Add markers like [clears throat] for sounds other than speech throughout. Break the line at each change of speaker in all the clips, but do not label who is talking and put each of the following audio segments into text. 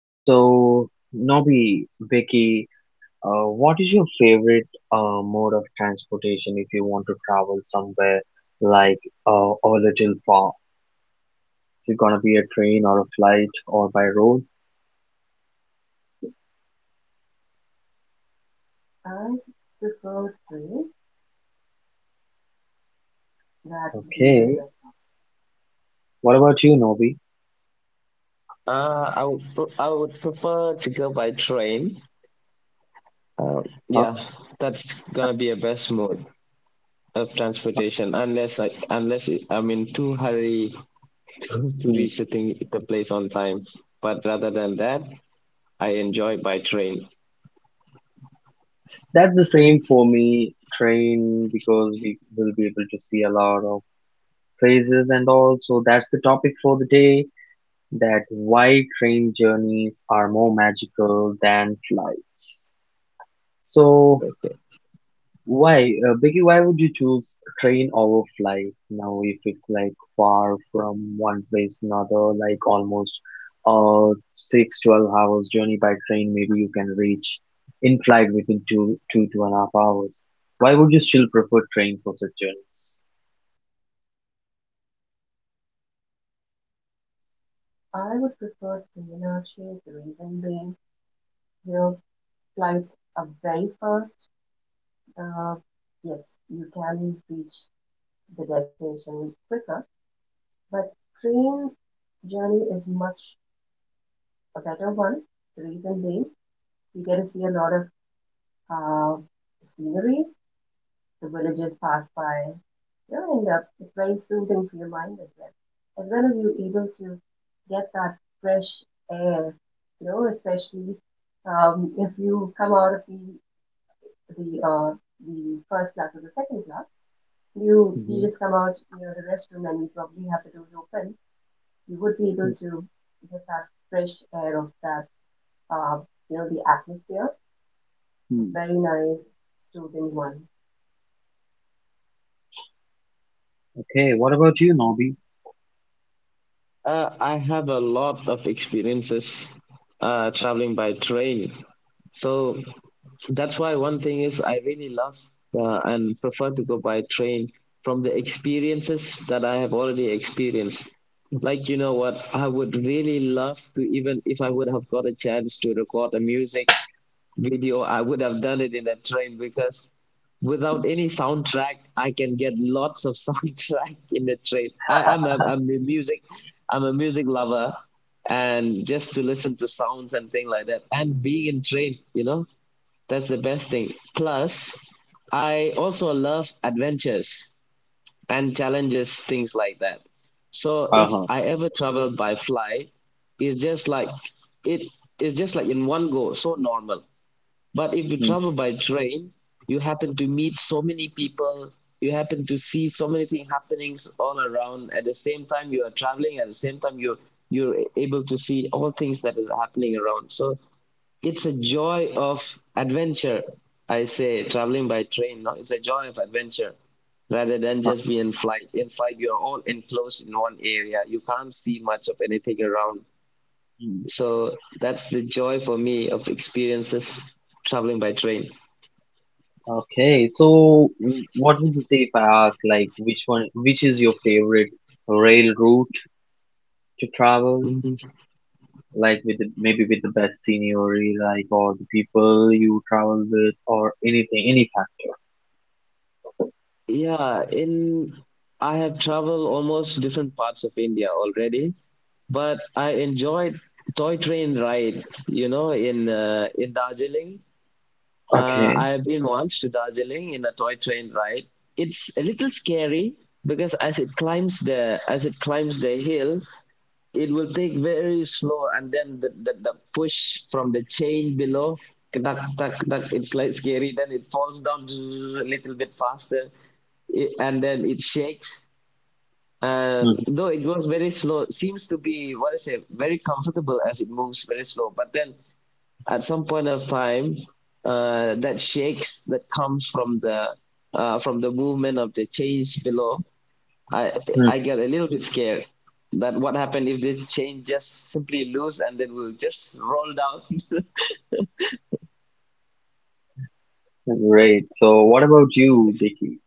So Nobby, Vicky, what is your favorite mode of transportation if you want to travel somewhere like a little far? Is it gonna be a train or a flight or by road?
I prefer three. That would be the
Okay.
best one.
What about you, Nobby?
I would prefer to go by train. Uh,
Huh?
yeah, that's gonna be a best mode of transportation, unless I'm in too hurry to
Hmm.
reach the place on time. But rather than that, I enjoy by train.
That's the same for me, train, because we will be able to see a lot of phrases and all. So that's the topic for the day, that why train journeys are more magical than flights. So why, Biggie, why would you choose train over flight now if it's like far from one place to another, like almost 6, 12 hours journey by train, maybe you can reach in flight within 2.5 hours. Why would you still prefer train for such journeys?
I would prefer three in the reason being, your flights are very fast. Uh, yes, you can reach the destination quicker, but train journey is much a better one. The reason being, you get to see a lot of uh, sceneries. The villagers pass by. You end up. It's very soothing for your mind as well, as well as you're able to get that fresh air, you know, especially if you come out of the the first class or the second class, you
Hmm.
just come out near the restroom and you probably have the doors open. You would be able to get that fresh air of that uh, you know, the atmosphere. A very nice soothing one.
Okay, what about you,
And
Nobby?
I have a lot of experiences traveling by train, so that's why one thing is I really love and prefer to go by train from the experiences that I have already experienced. Like, you know what? I would really love to, even if I would have got a chance to record a music video, I would have done it in a train because without any soundtrack, I can get lots of [laughs] soundtrack in the train. I'm a music lover, and just to listen to sounds and thing like that, and being in train, you know, that's the best thing. Plus, I also love adventures and challenges, things like that. So if
Uh-huh.
I ever travel by flight, it's just like it is just like in one go, so normal. But if you
Mm,
travel by train, you happen to meet so many people, you happen to see so many things happenings all around. At the same time, you are traveling. At the same time, you're able to see all things that is happening around. So it's a joy of adventure, I say, traveling by train. No? It's a joy of adventure rather than
uh,
just be in flight. In flight, you're all enclosed in one area. You can't see much of anything around.
mm.
So that's the joy for me of experiences traveling by train.
Okay, so what would you say if I ask, like, which is your favorite rail route to travel?
Mhm.
Like, maybe with the best scenery, like, or the people you travel with, or anything, any fact.
Yeah, in I have traveled almost different parts of India already, but I enjoyed toy train rides. You know, in Darjeeling,
Okay.
I've been once to Darjeeling in a toy train ride. It's a little scary because as it climbs the hill, it will take very slow, and then the push from the chain below, tuck, tuck, tuck, it's like scary. Then it falls down a little bit faster, and then it shakes. And
Mm-hmm.
though it goes very slow, seems to be what I say very comfortable as it moves very slow. But then at some point of time that shakes that comes from the movement of the change below i
Hmm.
I get a little bit scared that what happened if this chain just simply loose and then will just roll down [laughs]
Great. So, what about you, Vicky?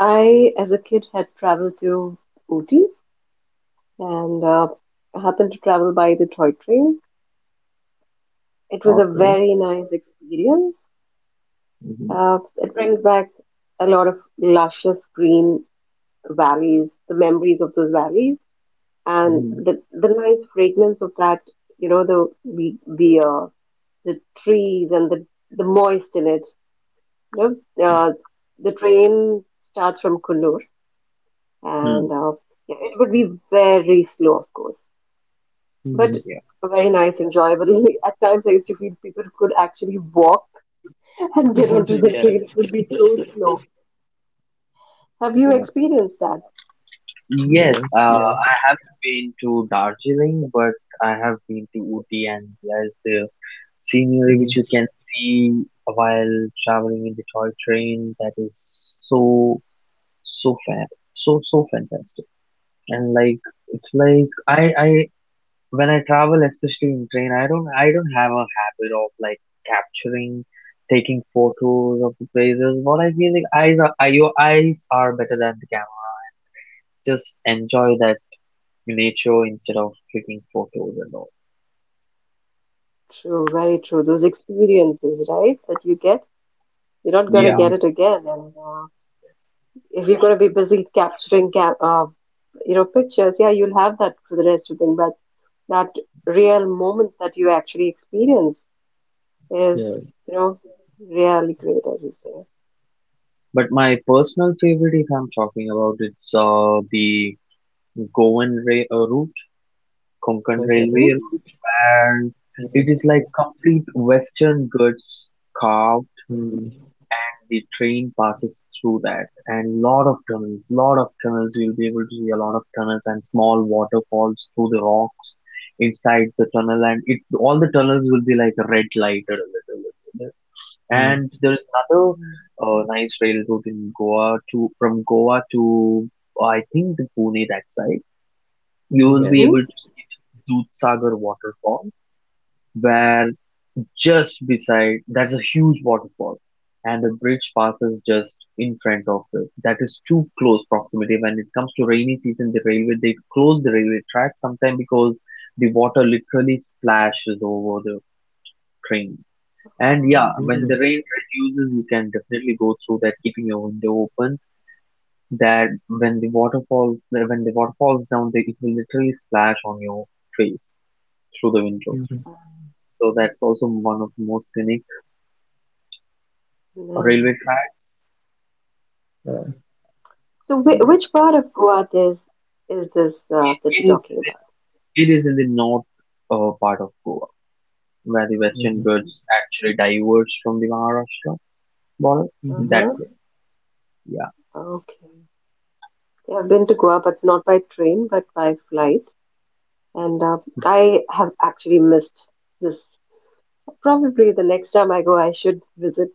I, as a kid, had traveled to Ooty and uh, happened to travel by the toy train. It was a
Okay.
very nice experience.
Mm-hmm.
It brings back a lot of luscious green valleys, the memories of those valleys, and
Mm-hmm.
the nice fragrance of that. You know, the the, uh, the trees and the moist in it. You know, the train starts from Kunnur, and
Hmm.
yeah, it would be very slow, of course. But
Hmm.
Yeah.
very nice, enjoyable. [laughs] Like, at times, I used to feel people could actually walk and get
[laughs]
onto the
Yeah,
train. It would be so slow. Have you
Yeah.
experienced that?
Yes,
yeah, yeah.
I haven't been to Darjeeling, but I have been to Ooty, and there's the scenery which
Mhm.
you can see while traveling in the toy train. That is so fan so fantastic. And like it's like I when I travel, especially in train, I don't have a habit of like capturing, taking photos of the places. What I feel like eyes are your eyes are better than the camera. Just enjoy that miniature instead of clicking photos and all.
True, very true. Those experiences, right, that you get, you're not gonna
Yeah,
get
Hmm.
it again. And if you're gonna be busy capturing, ca you know, pictures, yeah, you'll have that for the rest of the thing. But that real moments that you actually experience is,
Yeah.
you know, really great, as you say.
but my personal favorite, if I'm talking about, it's the Goan route, Konkan
Okay.
Railway
Mm-hmm.
route, and it
Mhm.
is like complete Western goods carved.
Hmm.
The train passes through that, and lot of tunnels, lot of tunnels. You'll be able to see a lot of tunnels and small waterfalls through the rocks inside the tunnel, and it all the tunnels will be like red lighted a little bit.
Hmm.
And there is another nice rail route in Goa to from Goa to, I think, the Pune that side. You will
Okay.
be able to see the Dudh Sagar waterfall, where just beside that's a huge waterfall, and the bridge passes just in front of it. That is too close proximity. When it comes to rainy season, the railway they close the railway track sometime because the water literally splashes over the train. And yeah, when
Mhm.
the rain reduces, you can definitely go through that, keeping your window open. That when when the water falls down, it will literally splash on your face through the window.
Mhm.
So that's also one of the most scenic
Mm-hmm.
railway tracks.
Yeah.
So,
Yeah,
which part of Goa is this that you're
it is. In
talking
the,
about?
it is in the north part of Goa, where the western
Mhm.
Okay.
birds actually diverge from the Maharashtra border.
Mhm.
That
Uh-huh.
way, yeah.
Okay. Yeah, I've been to Goa, but not by train, but by flight. And I have actually missed this. Probably the next time I go, I should visit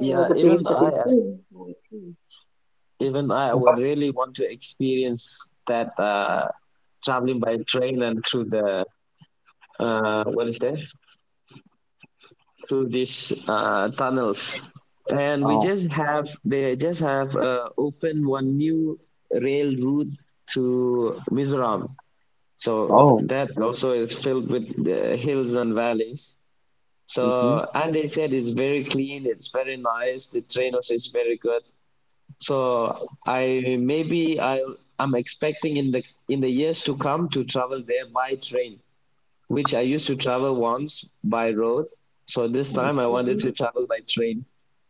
the place
even
that
I,
you.
even I would
What-
really want to experience that. Traveling by train and through the what is there through these tunnels and we
Oh,
just have they just have opened one new rail route to Mizoram, so
oh,
that also is filled with hills and valleys.
mm-hmm,
So, and they said it's very clean, it's very nice, the train also is very good. So I maybe I I'm expecting in the years to come to travel there by train, which I used to travel once by road. So this
mm-hmm.
time I wanted
Mm-hmm.
to travel by train.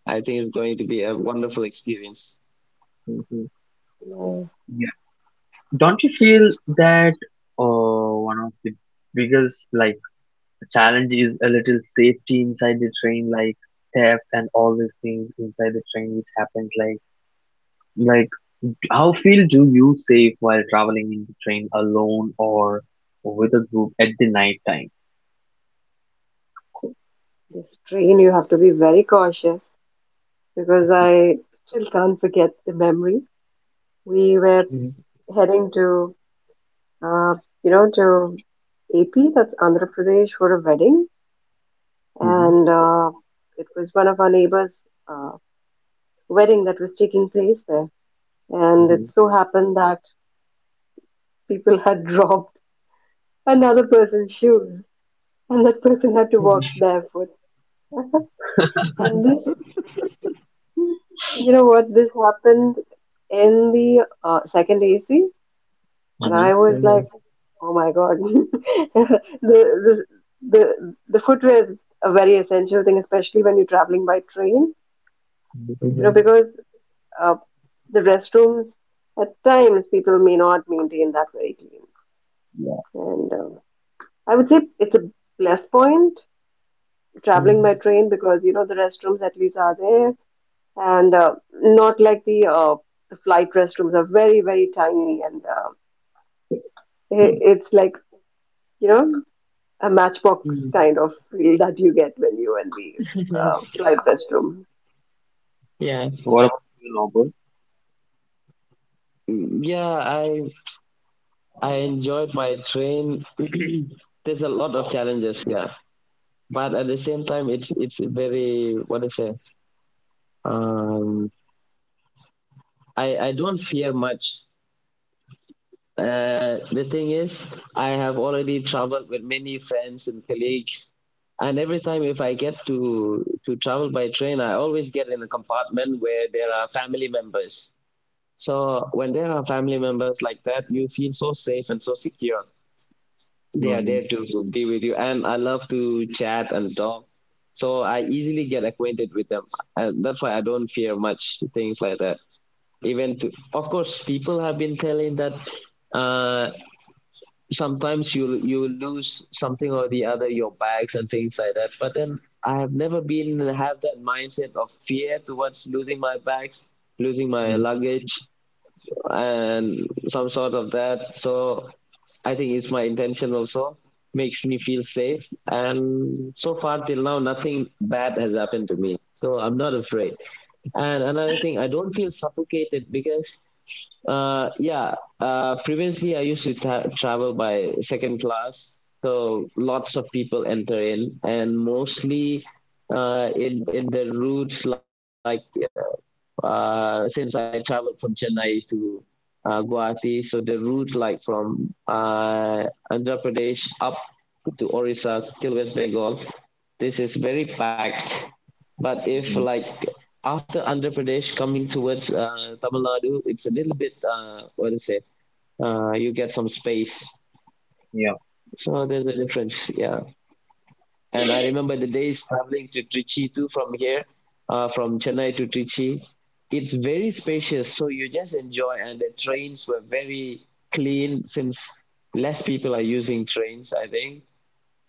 I think it's going to be a wonderful experience.
Mm-hmm.
Yeah.
Don't you feel that one of the biggest like challenge is a little safety inside the train, like theft and all these things inside the train which happens like how feel do you safe while traveling in the train alone or with a group at the night time? Mhm,
This train, you have to be very cautious because I still can't forget the memory. We were heading to, Uh, you know, to AP, that's Andhra Pradesh, for a wedding, and it was one of our neighbors' uh, wedding that was taking place there. And
mhm,
it so happened that people had [laughs] dropped another person's shoes, and that person had to walk barefoot. And this, you know what, this happened in the second AC. And
mhm,
I was like, oh my God, [laughs] the, the the footwear is a very essential thing, especially when you're traveling by train.
mhm,
You know, because
[laughs]
uh, the restrooms at times people may not maintain that very clean,
yeah,
and I would say it's a plus point traveling by train because you know the restrooms at least are there, and not like the flight restrooms are very very tiny, and it,
mm.
it's like, you know, a matchbox kind of feel that you get when you and we fly press room.
Yeah.
What about you, Noble?
Yeah, I enjoyed my train. [clears throat] There's a lot of challenges, yeah, but at the same time, it's very what is it? Um, I don't fear much. The thing is, I have already traveled with many friends and colleagues, and every time if I get to travel by train, I always get in a compartment where there are family members. So when
Mm,
there are family members like that, you feel so safe and so secure. They are
mhm,
there to be with you, and I love to chat and talk. So I easily get acquainted with them, and that's why I don't fear much things like that. Even to, of course, people have been telling that uh, sometimes you lose something or the other, your bags and things like that. But then I have never been have that mindset of fear towards losing my bags, losing my
mhm,
luggage and some sort of that. So I think it's my intention also makes me feel safe, and so far till now nothing bad has happened to me, so I'm not afraid. And another thing, I don't feel suffocated because yeah. Previously, I used to ta- travel by second class, so lots of people enter in, and mostly in the routes like since I traveled from Chennai to Guwahati, so the route like from Andhra Pradesh up to Orissa till West Bengal, this is very packed. But if
mhm,
like after Andhra Pradesh coming towards Tamil Nadu, it's a little bit what is it? You get some space.
yeah,
So there's a difference, yeah. And I remember the days traveling to Trichy too from here, from Chennai to Trichy. It's very spacious, so you just enjoy. And the trains were very clean since less people are using trains, I think,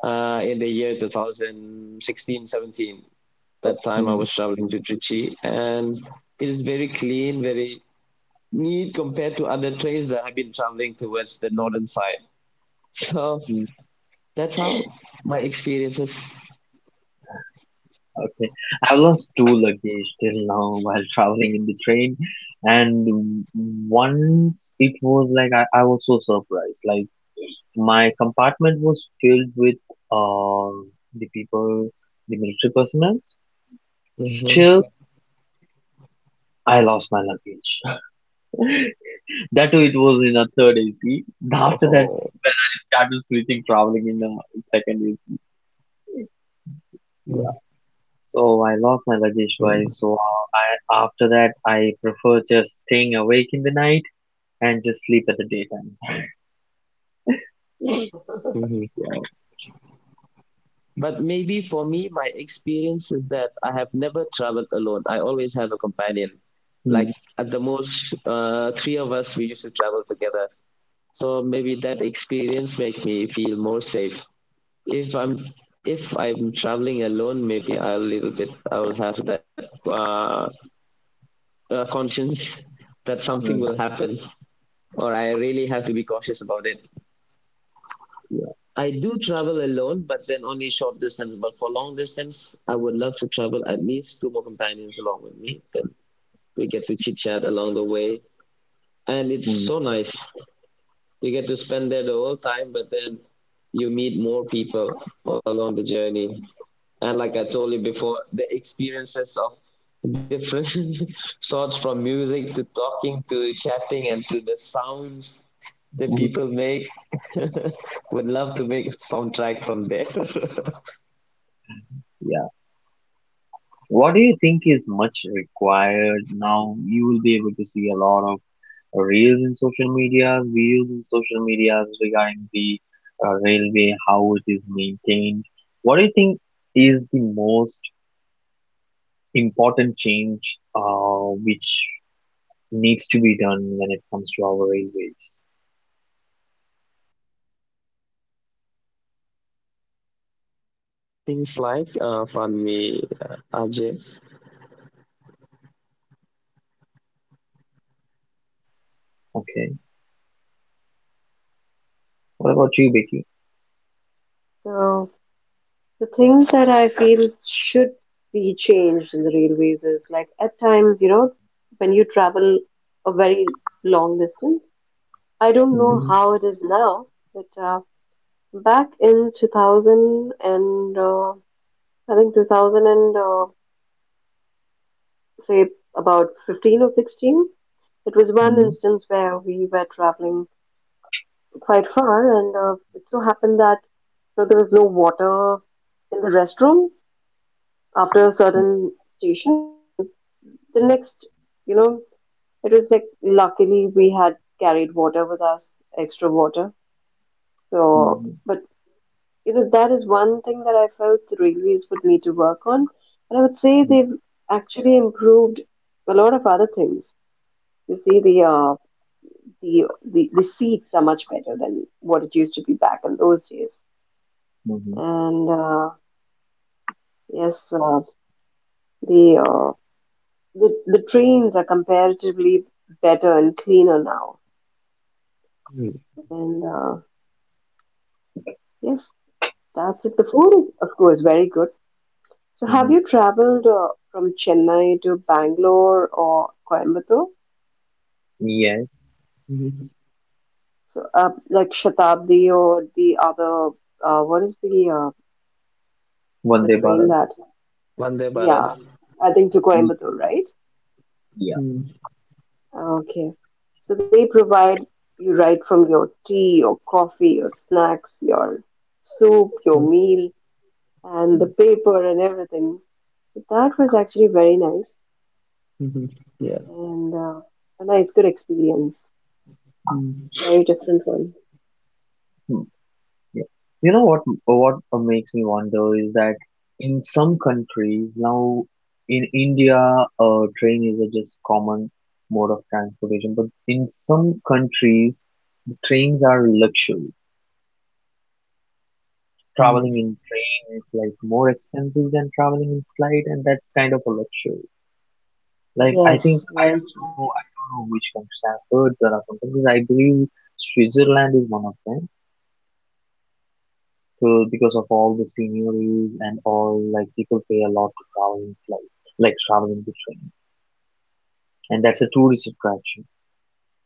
in the year 2016 17. That time I was traveling to Trichy, and it is very clean, very neat compared to other trains that I have been traveling towards the northern side. [laughs] So
mm.
that's how my experiences
Okay. I've lost two luggage till now while traveling in the train. And once it was like I was so surprised. Like my compartment was filled with uh, the people, the military personnel.
with.
Still, I lost my luggage. [laughs] That too, it was in a third AC. [laughs] After that,
Oh.
when I started switching traveling in a second AC. Yeah. So I lost my luggage
Mm-hmm.
twice. So I after that I prefer just staying awake in the night, and just sleep at the daytime. Yeah.
But maybe for me, my experience is that I have never traveled alone. I always have a companion. Like
Mm,
at the most, three of us, we used to travel together. So maybe that experience make me feel more safe. If I'm if I'm traveling alone, maybe I'll little bit I will have that conscience [laughs] that something
mm,
will happen, or I really have to be cautious about it.
yeah.
Do travel alone, but then only short distance. But for long distance, I would love to travel at least two more companions along with me. Then we get to chit chat along the way. And it's
Mm,
so nice. You get to spend there the whole time, but then you meet more people all along the journey. And like I told you before, the experiences of different [laughs] sorts from music to talking to chatting and to the sounds that
mm,
people make. [laughs] Would love to make a soundtrack from there. [laughs]
yeah. What do you think is much required now? You will be able to see a lot of reels in social media, videos in social media regarding the railway, how it is maintained. What do you think is the most important change which needs to be done when it comes to our railways?
Things like Funmi, RJ,
Okay. What about you, Becky?
So the things that I feel should be changed in the railways is like at times, you know, when you travel a very long distance, I don't know
Mm-hmm.
how
Mhm.
it is now, but back in 2000 and I think 2000 and say about 15 or 16, it was one
Mm-hmm.
instance where we were traveling quite far, and it so happened that, you know, there was no water in the restrooms after certain stations, and the next, you know, it was like luckily we had carried water with us, extra water. So,
Mm-hmm.
but you know, that is one thing that I felt the railways would need to work on, and I would say
Mm-hmm.
they've actually improved a lot of other things. You see, the seats are much better than what it used to be back in those days,
Mm-hmm.
and. Yes, the, uh, the trains are comparatively better and cleaner now.
Mhm.
And yes, that's it. The food is, of course, very good. So, have
Mm-hmm.
you traveled from Chennai to Bangalore or Coimbatore?
Mhm.
Yes,
So, like Shatabdi or the other, what is the
Vande
train
Bharat.
that?
Vande Bharat.
Yeah, I think to
Mm,
Coimbatore, right?
yeah.
Mhm.
Okay. So they provide you right from your tea, your coffee, your snacks, your soup, your
Yeah.
meal, and the
Mm,
paper and everything. So that was actually very nice
Mhm.
and
Yeah.
a nice, good experience. Very different
Mhm.
one.
hmm, yeah. You know what makes me wonder is that in some countries now in India train is a just common mode of transportation, but in some countries trains are luxury. Traveling in
Mhm.
train is like more expensive than traveling in flight, and that's kind of a luxury. Like I think
Yes,
I
very
don't
true.
know I don't know which countries. I've heard there are some countries, I believe. Switzerland is one of them. So because of all the sceneries and all, like people pay a lot to travel in flight, like traveling the train, and that's a tourist attraction.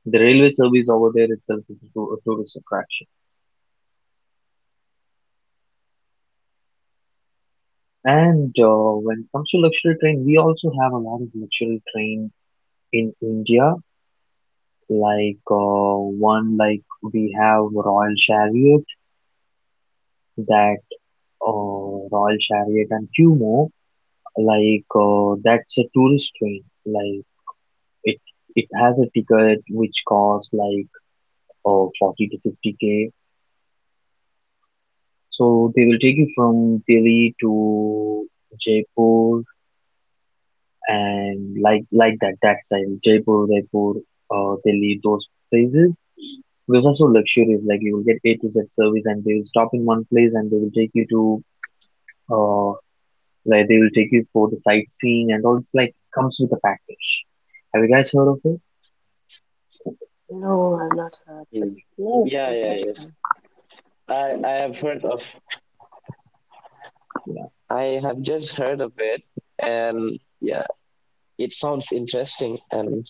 The railway service over there itself is a tourist attraction. And when it comes to luxury train, we also have a lot of luxury train in India. Like one, like we have Royal Chariot, that Royal Chariot, and few more. Like that's a tourist train. Like it it has a ticket which costs like 40 to 50K. So they will take you from Delhi to Jaipur and like that side Jaipur, Raipur, Delhi, those places. Those are so luxurious. Like you will get A to Z service, and they will stop in one place, and they will take you to uh, like they will take you for the sightseeing and all. It's like comes with a package. Have you guys heard of it?
No, I've not heard,
Mm.
but yes,
Yeah, yeah, yes.
interesting.
I have heard of,
Yeah.
I have just heard of it, and yeah, it sounds interesting and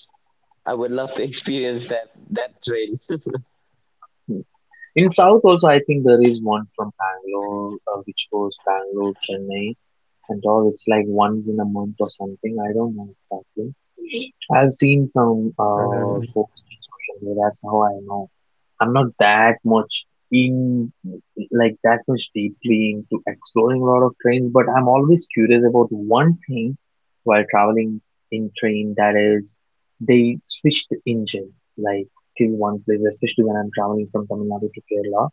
I would love to experience that that train.
Hmm. In south also, I think there is one from Bangalore, which goes Bangalore, Chennai, and all. It's like once in a month or something. I don't know exactly. I've seen some
Uh,
posts on social media. That's how I know. I'm not that much in, like that much deeply into exploring a lot of trains, but I'm always curious about one thing while traveling in train. That is, they switch the engine like to one place, especially when I'm traveling from Tamil Nadu to Kerala.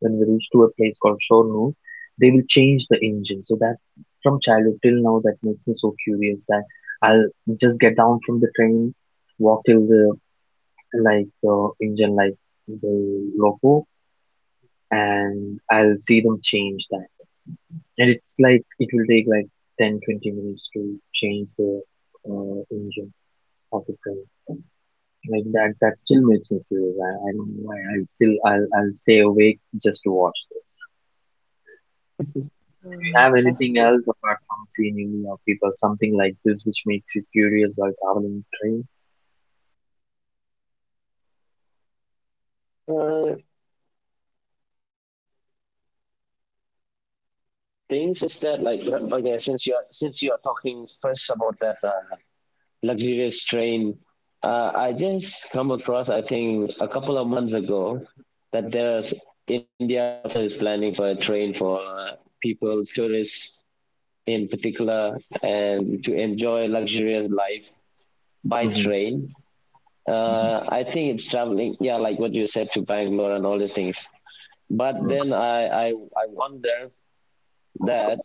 When we reach to a place called Shornur, they will change the engine. So that from childhood till now, that makes me so curious that. I'll just get down from the train, walk till the like the engine like the loco, and I'll see them change that. And it's like it will take like 10-20 minutes to change the engine of the train. Like
Yeah.
that still makes me curious. I don't know why. I'll stay awake just to watch this. Do
uh,
you have anything
Interesting.
else apart from seeing people, something like this, which makes you curious while traveling train?
Uh, Things is that like okay, since you are talking first about that luxurious train. I just come across, I think, a couple of months ago, that there's India also is planning for a train for people, tourists in particular, and to enjoy luxurious life by
Mm-hmm.
train.
Mm-hmm.
I think it's traveling, yeah, like what you said, to Bangalore and all these things. But then I wonder that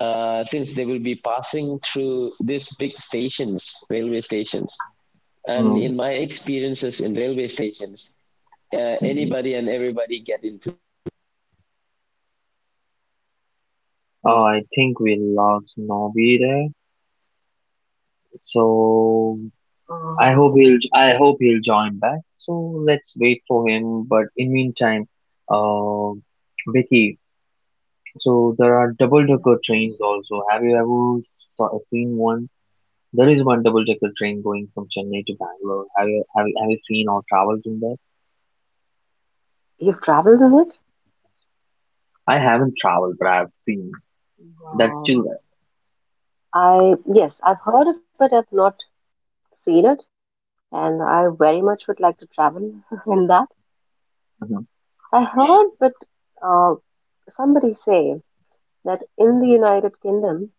since they will be passing through these big stations, railway stations, and
Mm-hmm.
in my experiences in railway stations,
Mm-hmm.
anybody and everybody get into.
Oh, I think we lost Nobby there. So I
Uh,
hope he'll I hope he'll join back. So let's wait for him. But in meantime, uh, Vicky, so there are double
yes,
decker trains also. Have you ever seen one?
yes.
There is one double decker train going from Chennai to Bangalore. Have you seen or traveled in that?
You've traveled in it?
I haven't traveled, but I've seen. That's
Wow.
still there.
I, yes, I've heard of it, but I've not seen it, and I very much would like to travel [laughs] in that.
Hmm.
I heard but uh, somebody say that in the United Kingdom,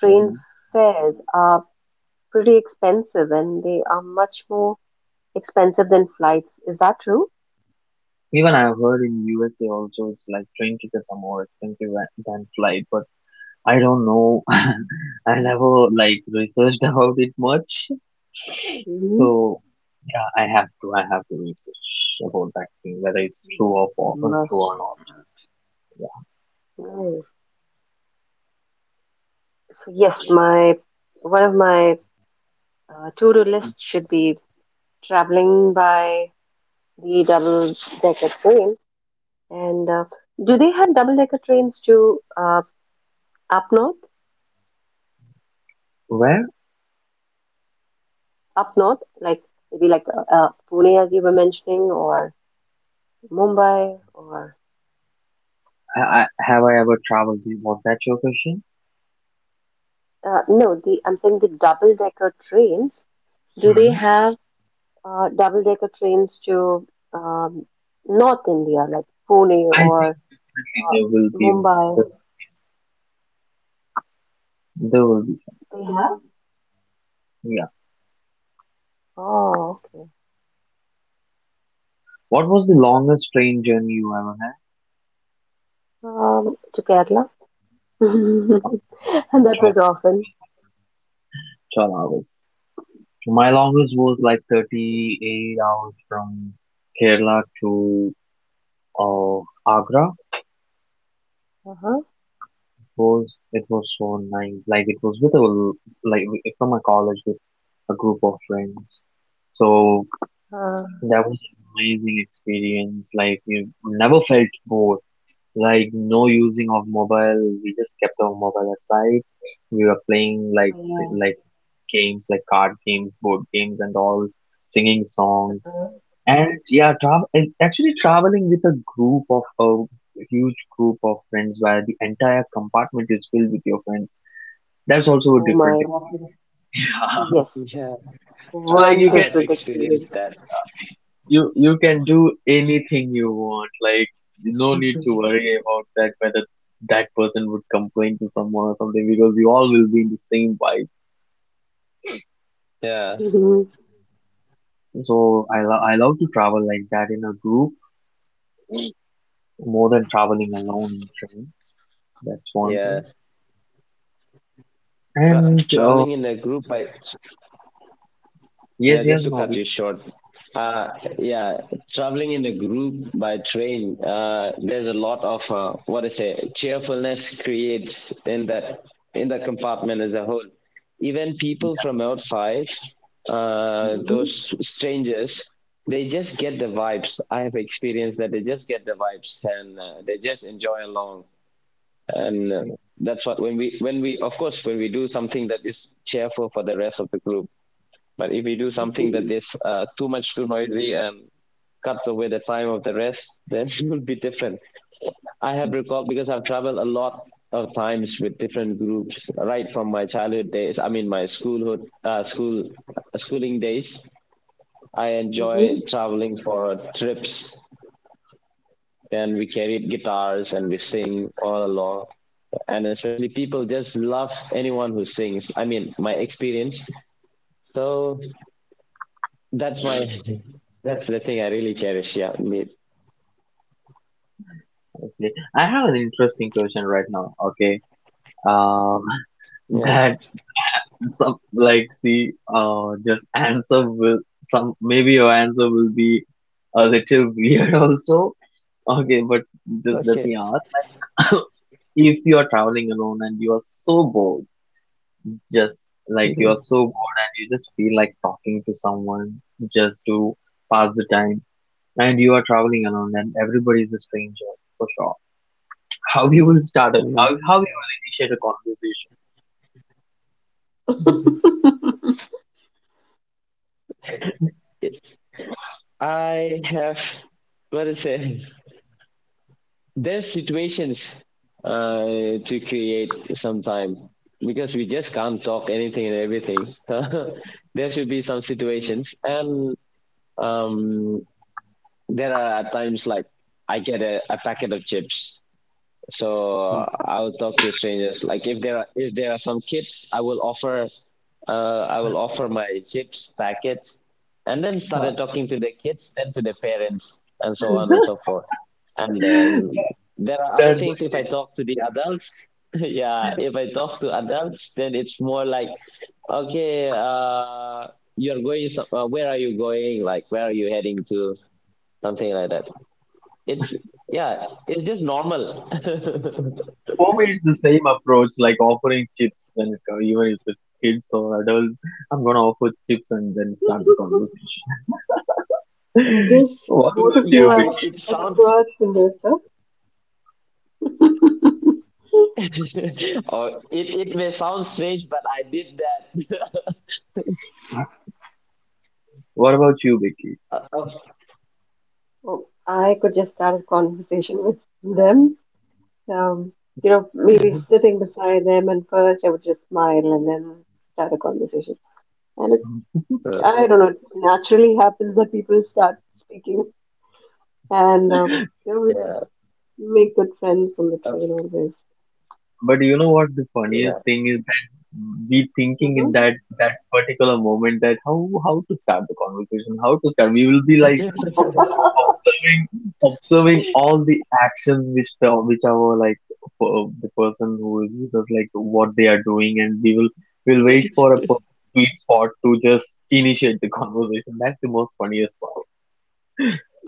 train
Hmm.
fares are pretty expensive and they are much more expensive than flights. Is that true?
Even I've heard in USA also it's like train tickets are more expensive than flight, but I don't know. [laughs] I never like researched [laughs] about it much.
Hmm.
So yeah, I have to research about that thing, whether it's true or
Must
true or
check.
not. Yeah.
Nice. So yes, my one of my to-do list should be traveling by the double-decker train. And do they have double decker trains to up north?
Where
Up north, like maybe like Pune, as you were mentioning, or Mumbai, or
have I ever traveled? Was that your question?
no, the I'm saying the double decker trains. Do they
Hmm.
have double decker trains to um, North India, like Pune
I think
or uh,
there will be there
Mumbai?
will be some. There will be some.
They have?
Yeah.
Oh, okay.
What was the longest train journey you ever had?
To Kerala, [laughs] and that was often.
12 hours. My longest was like 38 hours from Kerala to of Agra.
Uh-huh.
Was it was so nice. Like it was with a l- like w- from a college with a group of friends. So
Uh,
that was an amazing experience. Like we never felt bored. Like no using of mobile. We just kept our mobile aside. We were playing like like games, like card games, board games, and all, singing songs.
yeah.
And yeah, travel actually traveling with a huge group of friends where the entire compartment is filled with your friends. That's also a
Oh my
different experience.
God.
[laughs]
Yes.
Yeah,
Yeah. Like
I
you can
I
Wonderful
have
experience.
experienced
[laughs]
that.
you you can do anything you want. Like no need to worry about that whether that person would complain to someone or something because you all will be in the same vibe.
Yeah,
Mhm.
So I love to travel like that in a group more than traveling alone in train. That's one thing.
yeah. Tra-
And
traveling in a group, I yeah.
yes, yes,
Just to
no,
cut you short, uh, yeah. Traveling in a group by train, there's a lot of what I say cheerfulness creates in that in the compartment as a whole. Even people
yeah,
from outside,
Mhm.
those strangers, they just get the vibes. I have experienced that they just get the vibes, and they just enjoy along. And that's what when we, of course, when we do something that is cheerful for the rest of the group. But if we do something that
Mhm.
is too much, too noisy, and cuts away the time of the rest, [laughs] then it will be different. I have recalled because I've traveled a lot of times with different groups right from my childhood days, I mean my schoolhood, schooling days. I
Mhm.
enjoy traveling for trips, and we carry guitars and we sing all along. And especially people just love anyone who sings, I mean my experience. So that's my [laughs] that's the thing I really cherish, yeah, indeed.
exactly. I have an interesting question right now. Okay. Um,
Yeah,
[laughs] that some like see just answer will some maybe your answer will be a little [laughs] weird also. Okay, but just let
okay.
me ask. [coughs] If you are traveling alone and you are so bored, just like you are so bored and you just feel like talking to someone just to pass the time, and you are traveling alone and everybody is a stranger for sure, how you will start it? How you will initiate a
[laughs]
I have, what to say, there's situations to create sometime, because we just can't talk anything and everything, so [laughs] there should be some situations. And Um, there are at times like I get a packet of chips. So
conversation.
I will talk to strangers. Like if there are some kids, I will offer my chips packet, and then
Huh.
started talking to the kids, then to the parents, and so on and so forth. And then
[laughs]
there are other
That's the
things. If I
same.
talk to the adults, [laughs] yeah, if I talk to adults, then it's more like okay, you're going. So- where are you going? Like where are you heading to? Something like that. It's yeah, it's just normal. [laughs]
For me, it's the same approach like offering chips when it comes, even if it's kids or adults. I'm gonna offer chips and then start the conversation.
I
[laughs]
guess
What
both of
about
you
you,
Yeah, it,
are
Vicky?
it sounds
experts in this stuff. [laughs]
[laughs] or it may sound strange, but I did that. [laughs]
What about you, Vicky?
Uh,
Oh, I could just start a conversation with them. Um, you know, maybe sitting beside them, and first I would just smile and then start a conversation. And it,
Hmm.
uh,
I don't know, it naturally happens that people start speaking, and
[laughs]
you know,
yeah.
make good friends on the
Uh,
train always.
But you know what the
yeah.
funniest thing is that we thinking in
Hmm.
that particular moment that how to start the conversation, how to start. We will be like,
[laughs]
like observing all the actions which the which our like the person who is with us like what they are doing, and we will wait for a sweet spot to just initiate the [laughs] conversation. That's the most funniest part.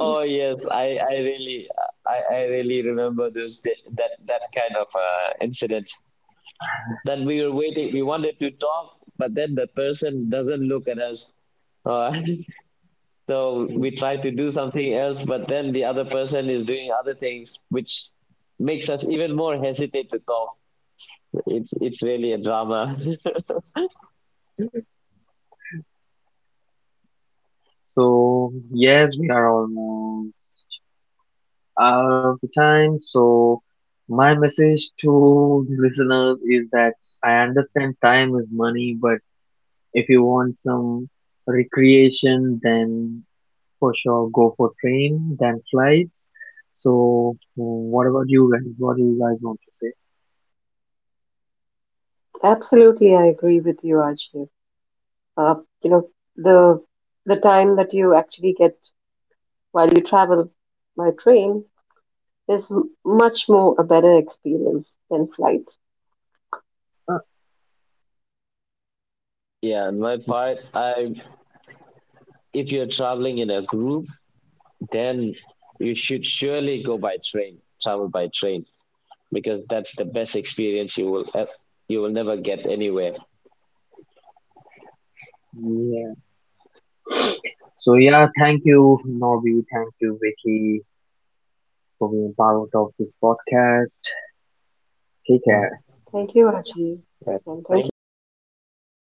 Oh yes, I really, I really remember those da- that that kind of incident that we were waiting, we wanted to talk, but then the person doesn't look at us. uh, [laughs] So
Mm.
we try to do something else, but then the other person is doing other things, which makes us even more hesitate to talk. It's really a drama.
So yes, we are almost out of the time. So, my message to the [laughs] listeners is that I understand time is money, but if you want some recreation, then for sure go for train than flights. So, what about you guys? What do you guys want to say?
Absolutely, I agree with you, Ajay. Uh, you know, the the time that you actually get while you travel by train is much more a better experience than flight.
Uh,
[laughs] Yeah, on my part, I, if you're traveling in a group, then you should surely go by train, travel by train, because that's the best experience you will ev- you will never get anywhere.
yeah. So yeah, thank you, Norby. Thank you, Vicky, for being part of this podcast. Take care.
Thank you, Ajay, and
Right.
thank you,
Thank
Novi,
you to you
for
too,
hosting.
Ajay.